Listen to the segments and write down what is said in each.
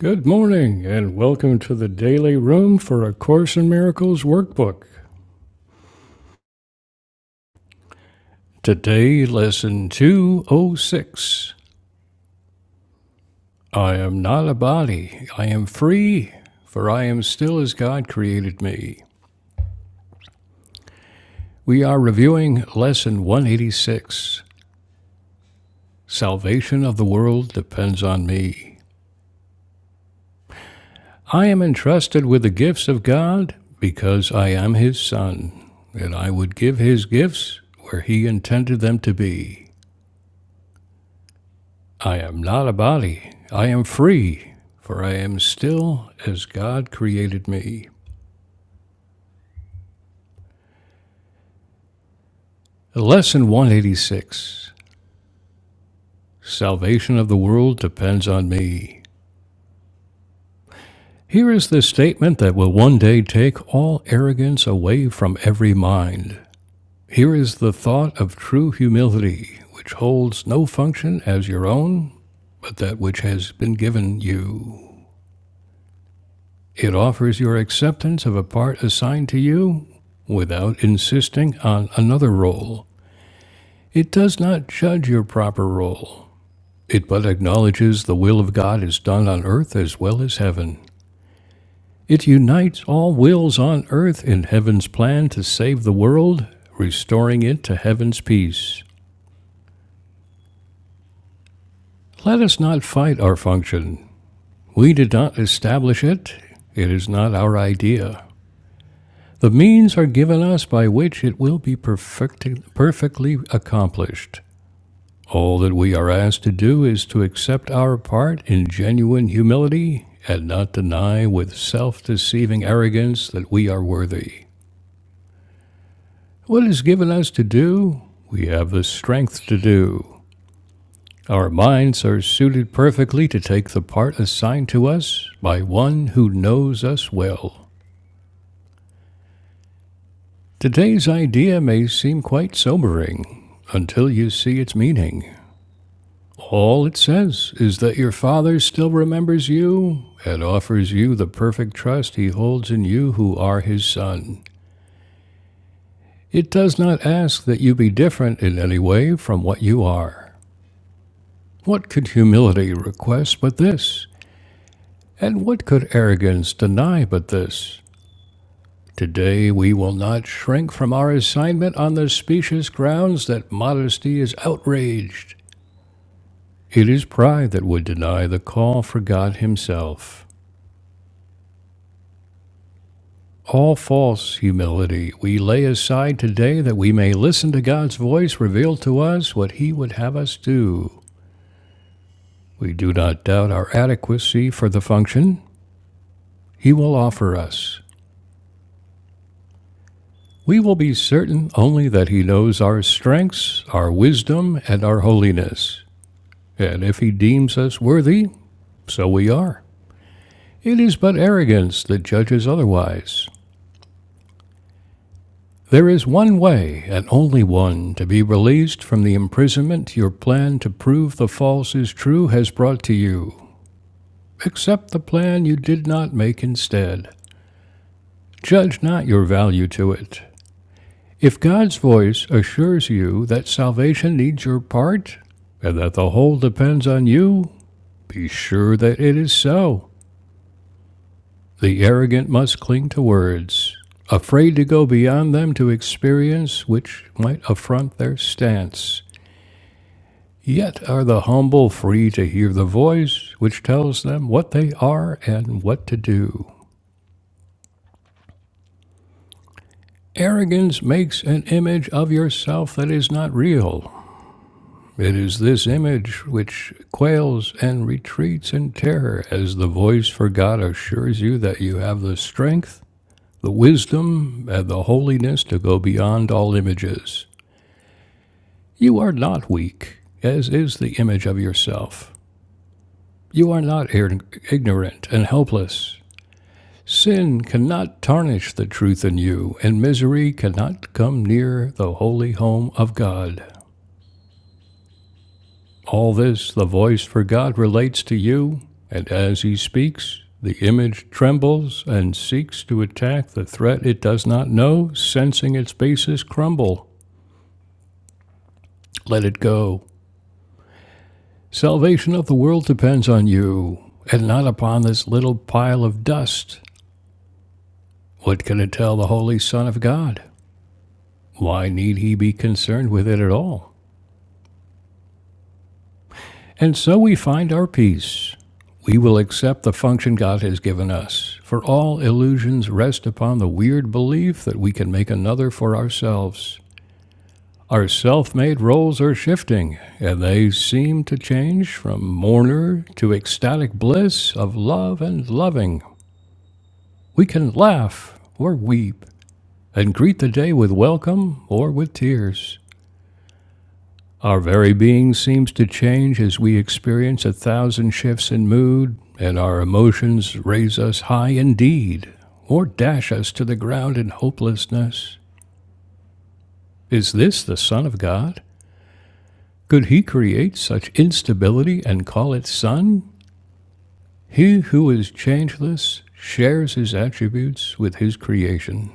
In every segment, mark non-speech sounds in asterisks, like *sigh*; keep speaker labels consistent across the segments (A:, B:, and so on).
A: Good morning, and welcome to the Daily Room for A Course in Miracles workbook. Today, lesson 206. I am not a body, I am free, for I am still as God created me. We are reviewing lesson 186 Salvation of the World Depends on Me. I am entrusted with the gifts of God because I am His Son, and I would give His gifts where He intended them to be. I am not a body. I am free, for I am still as God created me. Lesson 186 Salvation of the world depends on me. Here is the statement that will one day take all arrogance away from every mind. Here is the thought of true humility, which holds no function as your own, but that which has been given you. It offers your acceptance of a part assigned to you without insisting on another role. It does not judge your proper role. It but acknowledges the will of God is done on earth as well as heaven. It unites all wills on earth in heaven's plan to save the world, restoring it to heaven's peace. Let us not fight our function. We did not establish it. It is not our idea. The means are given us by which it will be perfecti- perfectly accomplished. All that we are asked to do is to accept our part in genuine humility and not deny with self deceiving arrogance that we are worthy. What is given us to do, we have the strength to do. Our minds are suited perfectly to take the part assigned to us by one who knows us well. Today's idea may seem quite sobering until you see its meaning. All it says is that your Father still remembers you and offers you the perfect trust he holds in you who are his Son. It does not ask that you be different in any way from what you are. What could humility request but this? And what could arrogance deny but this? Today we will not shrink from our assignment on the specious grounds that modesty is outraged It is pride that would deny the call for God Himself. All false humility we lay aside today that we may listen to God's voice reveal to us what He would have us do. We do not doubt our adequacy for the function He will offer us. We will be certain only that He knows our strengths, our wisdom, and our holiness. And if He deems us worthy, so we are. It is but arrogance that judges otherwise. There is one way, and only one, to be released from the imprisonment your plan to prove the false is true has brought to you. Accept the plan you did not make instead. Judge not your value to it. If God's voice assures you that salvation needs your part, and that the whole depends on you, be sure that it is so. The arrogant must cling to words, afraid to go beyond them to experience which might affront their stance. Yet are the humble free to hear the voice which tells them what they are and what to do. Arrogance makes an image of yourself that is not real. It is this image which quails and retreats in terror as the voice for God assures you that you have the strength, the wisdom, and the holiness to go beyond all images. You are not weak, as is the image of yourself. You are not ignorant and helpless. Sin cannot tarnish the truth in you, and misery cannot come near the holy home of God. All this the voice for God relates to you, and as he speaks, the image trembles and seeks to attack the threat it does not know, sensing its bases crumble. Let it go. Salvation of the world depends on you, and not upon this little pile of dust. What can it tell the Holy Son of God? Why need he be concerned with it at all? And so we find our peace. We will accept the function God has given us, for all illusions rest upon the weird belief that we can make another for ourselves. Our self made roles are shifting, and they seem to change from mourner to ecstatic bliss of love and loving. We can laugh or weep, and greet the day with welcome or with tears. Our very being seems to change as we experience a thousand shifts in mood, and our emotions raise us high indeed, or dash us to the ground in hopelessness. Is this the Son of God? Could he create such instability and call it Son? He who is changeless shares his attributes with his creation.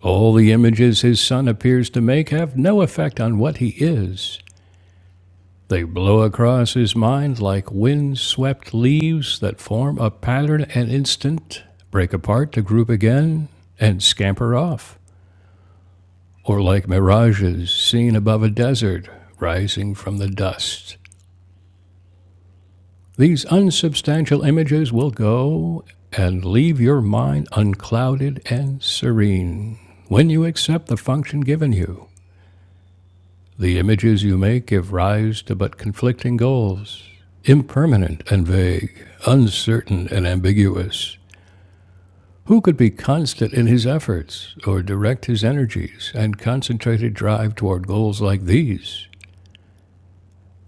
A: All the images his Son appears to make have no effect on what he is, They blow across his mind like wind-swept leaves that form a pattern an instant, break apart to group again, and scamper off, or like mirages seen above a desert rising from the dust. These unsubstantial images will go and leave your mind unclouded and serene when you accept the function given you. The images you make give rise to but conflicting goals, impermanent and vague, uncertain and ambiguous. Who could be constant in his efforts, or direct his energies and concentrated drive toward goals like these?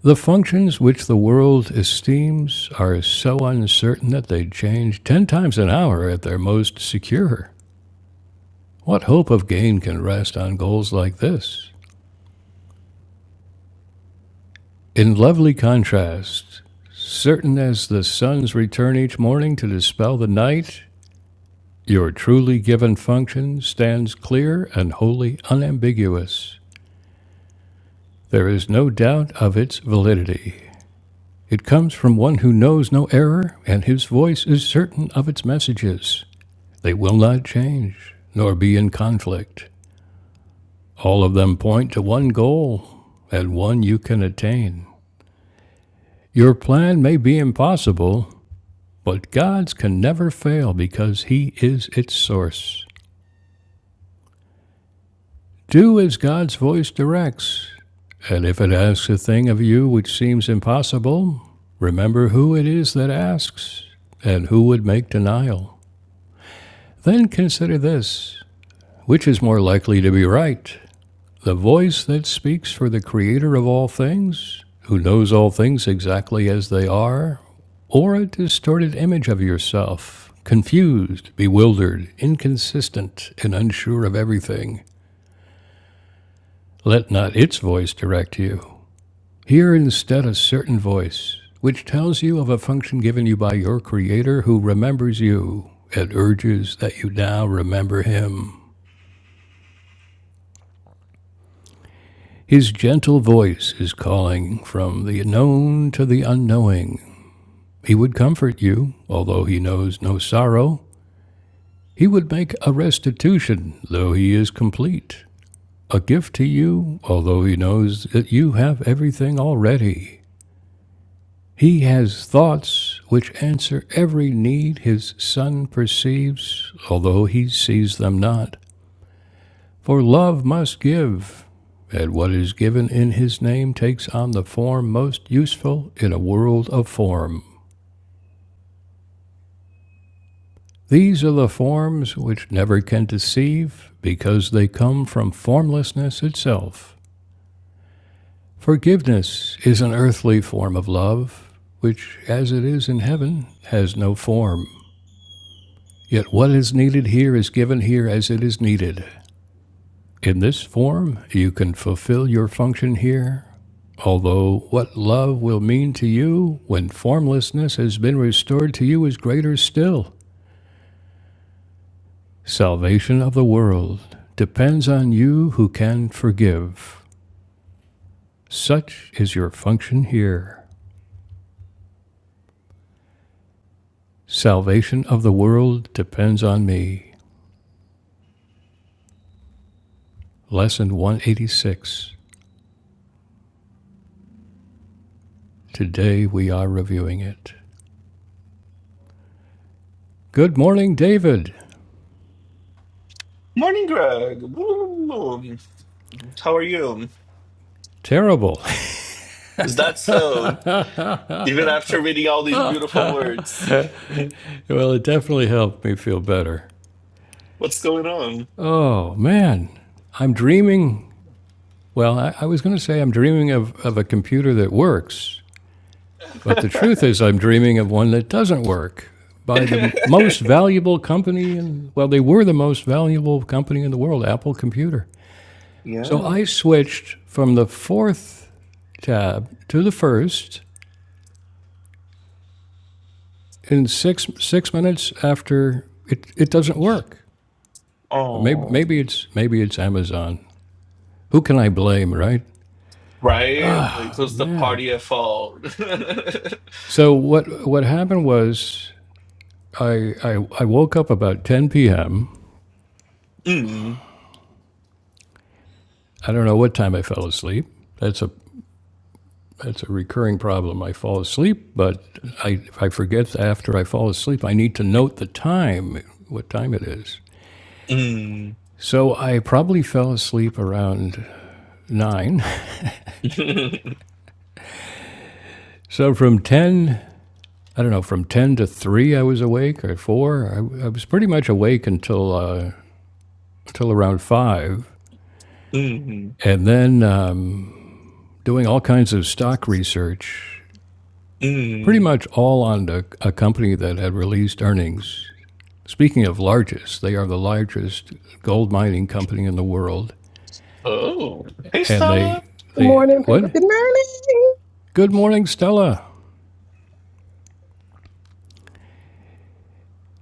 A: The functions which the world esteems are so uncertain that they change ten times an hour at their most secure. What hope of gain can rest on goals like this? In lovely contrast, certain as the sun's return each morning to dispel the night, your truly given function stands clear and wholly unambiguous. There is no doubt of its validity. It comes from one who knows no error, and his voice is certain of its messages. They will not change, nor be in conflict. All of them point to one goal, and one you can attain. Your plan may be impossible, But God's can never fail because He is its source. Do as God's voice directs, and if it asks a thing of you which seems impossible, remember who it is that asks, and who would make denial. Then consider this which is more likely to be right, The voice that speaks for the Creator of all things, who knows all things exactly as they are, or a distorted image of yourself, confused, bewildered, inconsistent, and unsure of everything. Let not its voice direct you. Hear instead a certain voice, which tells you of a function given you by your Creator who remembers you and urges that you now remember Him. His gentle voice is calling from the known to the unknowing He would comfort you, although he knows no sorrow. He would make a restitution, though he is complete. A gift to you, although he knows that you have everything already. He has thoughts which answer every need his son perceives, although he sees them not. For love must give, and what is given in his name takes on the form most useful in a world of form. These are the forms which never can deceive, because they come from formlessness itself. Forgiveness is an earthly form of love, which, as it is in heaven, has no form. Yet what is needed here is given here as it is needed. In this form, you can fulfill your function here, although what love will mean to you when formlessness has been restored to you is greater still. Salvation of the world depends on you who can forgive. Such is your function here. Salvation of the world depends on me. Lesson 186. Today we are reviewing it. Good morning, David.
B: Morning, Greg. Woo. How are you?
A: Terrible.
B: Is that so? Even after reading all these beautiful words,
A: *laughs* well, it definitely helped me feel better.
B: what's going on?
A: Oh, man. I'm dreaming. Well, I, I was going to say I'm dreaming of, of a computer that works, But the truth is, I'm dreaming of one that doesn't work by
B: *laughs*
A: the most valuable company, and well, they were the most valuable company in the world, Apple Computer. So
B: yeah.
A: I switched from the fourth tab to the first in six six minutes after it, it doesn't work. But maybe
B: Oh,
A: maybe it's maybe it's Amazon. Who can I blame, right?
B: right? Like, who's the
A: Man.
B: party at fault? *laughs* mm,
A: So what what happened was I I, I woke up about 10 p.m. I don't know what time I fell asleep. That's a that's a recurring problem. I fall asleep, but I, I forget after I fall asleep, I need to note the time, what time it is.
B: mm.
A: So I probably fell asleep around nine. *laughs*
B: *laughs*
A: So from 10, I don't know, from 10 to 3, I was awake, or 4. I, I was pretty much awake until, uh, until around 5.
B: mm,
A: And then um, doing all kinds of stock research, pretty
B: mm.
A: much all on a, a company that had released earnings Speaking of largest, they are the largest gold mining company in the world.
B: Oh, hey,
A: And
B: Stella.
A: they,
B: *laughs*
C: Good
A: they,
C: morning, people.
A: what?
C: Good morning.
A: Good morning, Stella.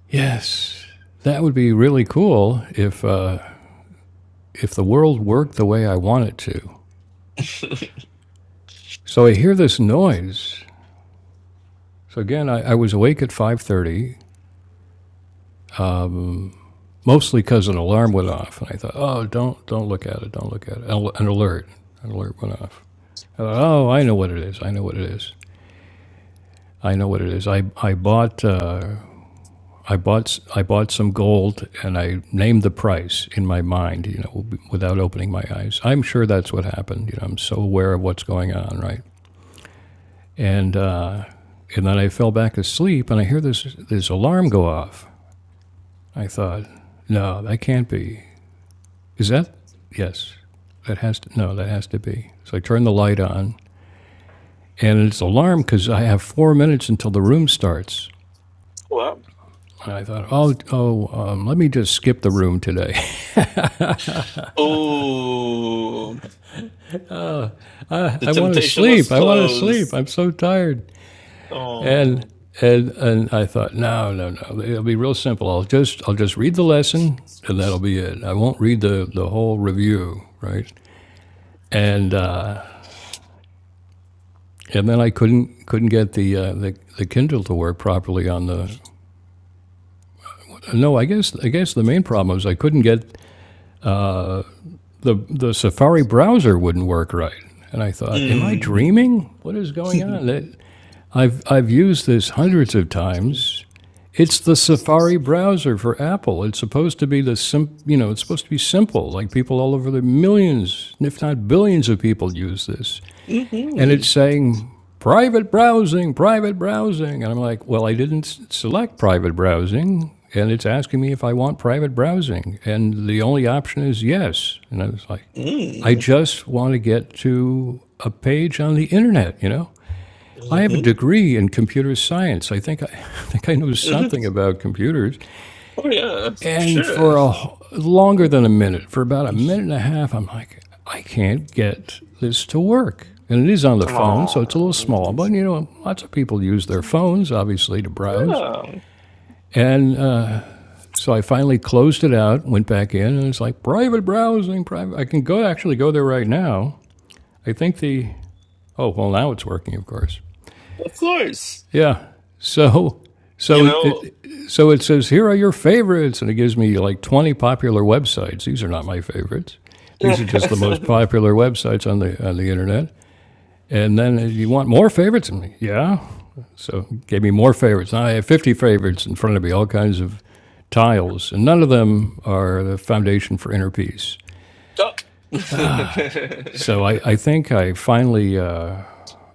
A: Yes, that would be really cool if, uh, if the world worked the way I want it to. So I hear this noise. So again, I, I was awake at 5.30, mostly because an alarm went off. And I thought, oh, don't, don't look at it, don't look at it. An, an alert, an alert went off. I thought, oh, I know what it is, I know what it is. I know what it is. I, I bought uh, I bought I bought some gold and I named the price in my mind, you know, without opening my eyes. I'm sure that's what happened. You know, I'm so aware of what's going on, right? And uh, and then I fell back asleep and I hear this this alarm go off. I thought, no, that can't be. Is that? Yes, that has to. No, that has to be. So I turn the light on and it's alarm because I have four minutes until the room starts.
B: What?
A: And I thought, oh, oh, um, let me just skip the room today. *laughs*
B: Oh, the
A: I want to
B: temptation was
A: sleep. I want to sleep.
B: closed.
A: I'm so tired. And
B: Oh,
A: and and I thought, no, no, no. It'll be real simple. I'll just I'll just read the lesson, and that'll be it. I won't read the the whole review, right? And uh, and then I couldn't couldn't get the, uh, the the Kindle to work properly on the. No, I guess I guess the main problem was I couldn't get the the Safari browser wouldn't work right. And I thought, am I dreaming? What is going on? That- I've I've used this hundreds of times It's the Safari browser for Apple. It's supposed to be the sim, you know, it's supposed to be simple. Like people all over the millions, if not billions of people use this. And
B: Mm-hmm.
A: it's saying private browsing, private browsing. And I'm like, well, I didn't select private browsing. And it's asking me if I want private browsing. And the only option is yes. And I was like, I
B: Mm.
A: just want to get to a page on the internet, you know? I have a
B: Mm-hmm.
A: degree in computer science. I think I, *laughs* I think I know
B: hmm
A: something about computers.
B: Oh yeah,
A: And
B: sure.
A: for a longer
B: Oh
A: than a minute, for about a
B: yeah,
A: minute and a half, I'm like, I can't get this to work. And it is on the phone, so it's a little small, but you know, lots of people use their phones, obviously, to browse. And uh, so I finally closed it out, went back in, and it's like private browsing, private. I can go actually go there right now. I think the, oh, well, now it's working, of course.
B: of course.
A: Yeah. So
B: You
A: so it,
B: know,
A: it so it says here are your favorites, and it gives me like twenty popular websites. These are not my favorites.
B: *laughs*
A: These are just the most popular websites on the on the internet. And then uh, you want more favorites? And yeah. So it gave me more favorites. Now I have fifty favorites in front of me, all kinds of tiles, and none of them are the foundation for inner peace.
B: duck.
A: So I, I think I finally, uh,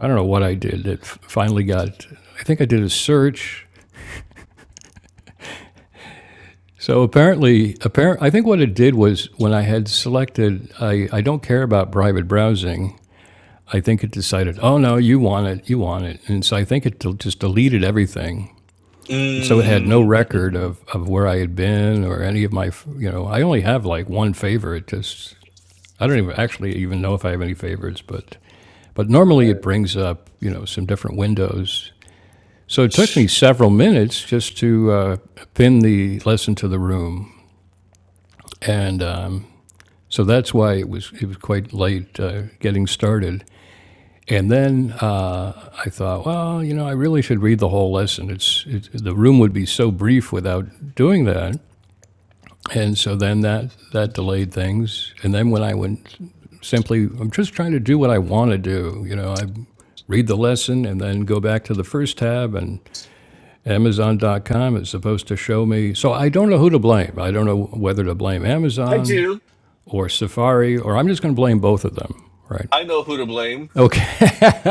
A: I don't know what I did, It finally got, I think I did a search So apparently, apparent, I think what it did was when I had selected, I, I don't care about private browsing. I think it decided, oh no, you want it, you want it, and so I think it just deleted everything, and so it had no record
B: mm-hmm.
A: of, of where I had been or any of my, you know, I only have like one favorite. Just I don't even actually even know if I have any favorites, but but normally it brings up you know some different windows. So it took me several minutes just to uh, pin the lesson to the room, and um, So that's why it was it was quite late uh, getting started. And then uh, I thought, well, you know, I really should read the whole lesson. It's it, the room would be so brief without doing that. And so then that that delayed things. And then when I went simply, I'm just trying to do what I want to do. You know, I read the lesson and then go back to the first tab and amazon.com is supposed to show me so i don't know who to blame i don't know whether to blame
B: I
A: amazon
B: do.
A: or Safari, or I'm just going to blame both of them, right?
B: I know who to blame.
A: Okay, *laughs*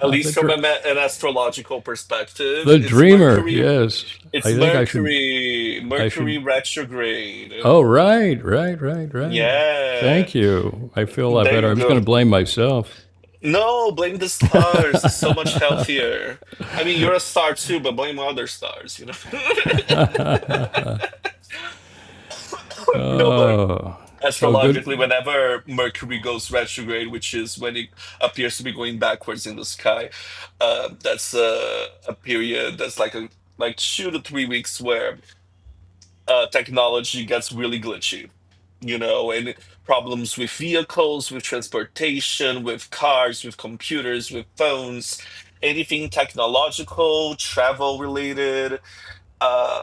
B: At
A: the
B: least from a,
A: dr-
B: ma- an astrological perspective,
A: the
B: it's
A: dreamer.
B: Mercury.
A: Yes,
B: It's
A: I think I should.
B: Mercury.
A: I
B: Mercury
A: should.
B: retrograde.
A: Oh, right, right, right, right.
B: Yeah,
A: Thank you. I feel a lot
B: there
A: better.
B: you
A: I was going
B: go.
A: to blame myself.
B: No, blame the stars. It's so much healthier. I mean, you're a star too, but blame other stars, you know? *laughs* No, but
A: So good.
B: astrologically, whenever Mercury goes retrograde, which is when it appears to be going backwards in the sky, uh, that's a, a period that's like a like two to three weeks where uh, technology gets really glitchy, you know, and it- problems with vehicles, with transportation, with cars, with computers, with phones, anything technological, travel related, uh,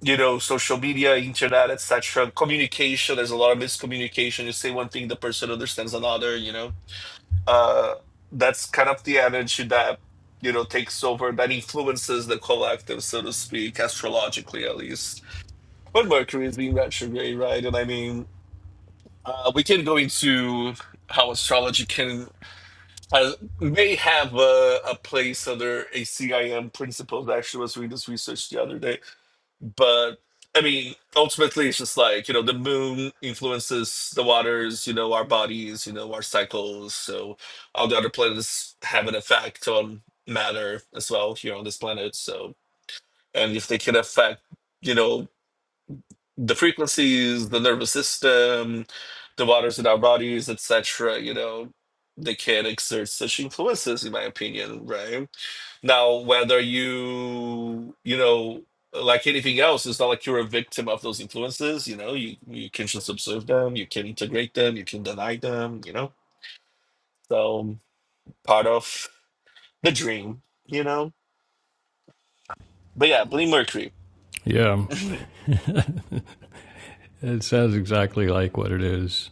B: you know, social media, internet, etc. Communication, there's a lot of miscommunication. You say one thing, the person understands another, you know. Uh, that's kind of the energy that you know takes over that influences the collective so to speak astrologically at least but Mercury is being retrograde, right? And I mean, uh, we can go into how astrology can uh, may have a, a place under ACIM principles. I M principles. Actually, I was reading this research the other day, but I mean, ultimately, it's just like you know, the moon influences the waters, you know, our bodies, you know, our cycles. So all the other planets have an effect on matter as well here on this planet. So and if they can affect you know the frequencies, the nervous system, the waters in our bodies, etc. You know, they can exert such influences, in my opinion, right? Now, whether you, you know, like anything else, it's not like you're a victim of those influences. You know, you you can just observe them, you can integrate them, you can deny them. You know, so part of the dream. You know, but yeah, Bleeding Mercury.
A: Yeah,
B: *laughs*
A: it sounds exactly like what it is.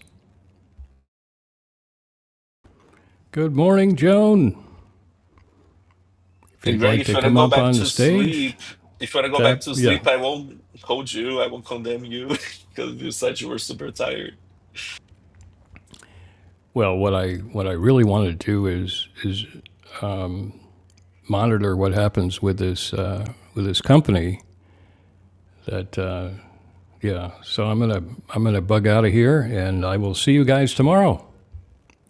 A: Good morning, Joan. If
B: And
A: you'd
B: Greg,
A: like
B: if
A: to
B: you want to
A: come
B: go
A: up
B: back
A: on the
B: to sleep,
A: stage,
B: if you want to go back
A: tap.
B: to
A: Yeah.
B: sleep, I won't hold you. I won't condemn you *laughs* because you said you were super tired.
A: Well, what I what I really want to do is is monitor what happens with this uh, with this company That uh, yeah. So I'm gonna I'm gonna bug out of here, and I will see you guys tomorrow.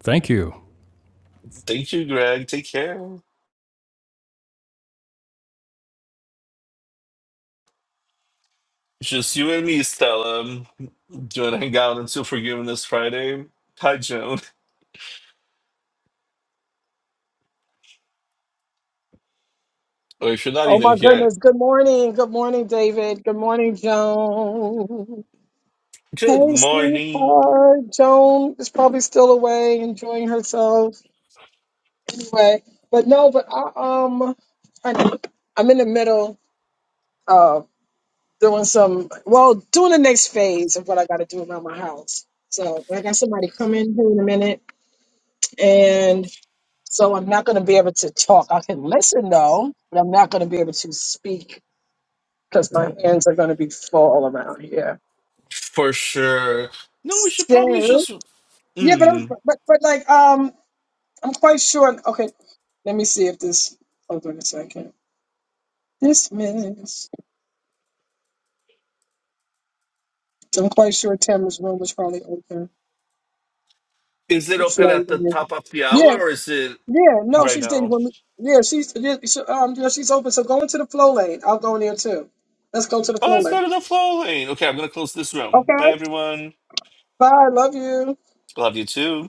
A: Thank you.
B: Thank you, Greg. Take care. Just you and me, Stella. Do you want to hang out until Forgiveness Friday? Hi, Joan. Or if you're not
C: Oh
B: even
C: my
B: here,
C: goodness. Good morning. Good morning, David. Good morning, Joan. Hey,
B: good morning.
C: sweetheart. Joan is probably still away enjoying herself. Anyway, but no, but I um I, I'm in the middle of doing some well, doing the next phase of what I gotta do around my house. So I got somebody coming here in a minute and so I'm not gonna be able to talk. I can listen though, but I'm not gonna be able to speak because my hands are going to be full around here.
B: For sure. No, we should probably
C: So,
B: just.
C: yeah, but I'm,
B: Mm.
C: but, but like, um, I'm quite sure. Okay, let me see if this. Hold on a second. This miss. I'm quite sure Tamara's room was probably open.
B: Is it
C: The
B: open
C: floor.
B: at
C: was
B: the top
C: open.
B: of the
C: Yeah,
B: hour or is it
C: yeah. No,
B: right
C: she's did
B: now?
C: Yeah, she's yeah, she, um, yeah, she's open. So go into the flow lane. I'll go in there too. Let's go to the
B: Oh,
C: flow
B: let's
C: lane.
B: go to the flow lane. Okay, I'm going to close this room.
C: Okay.
B: Bye, everyone.
C: Bye. Love you.
B: Love you too.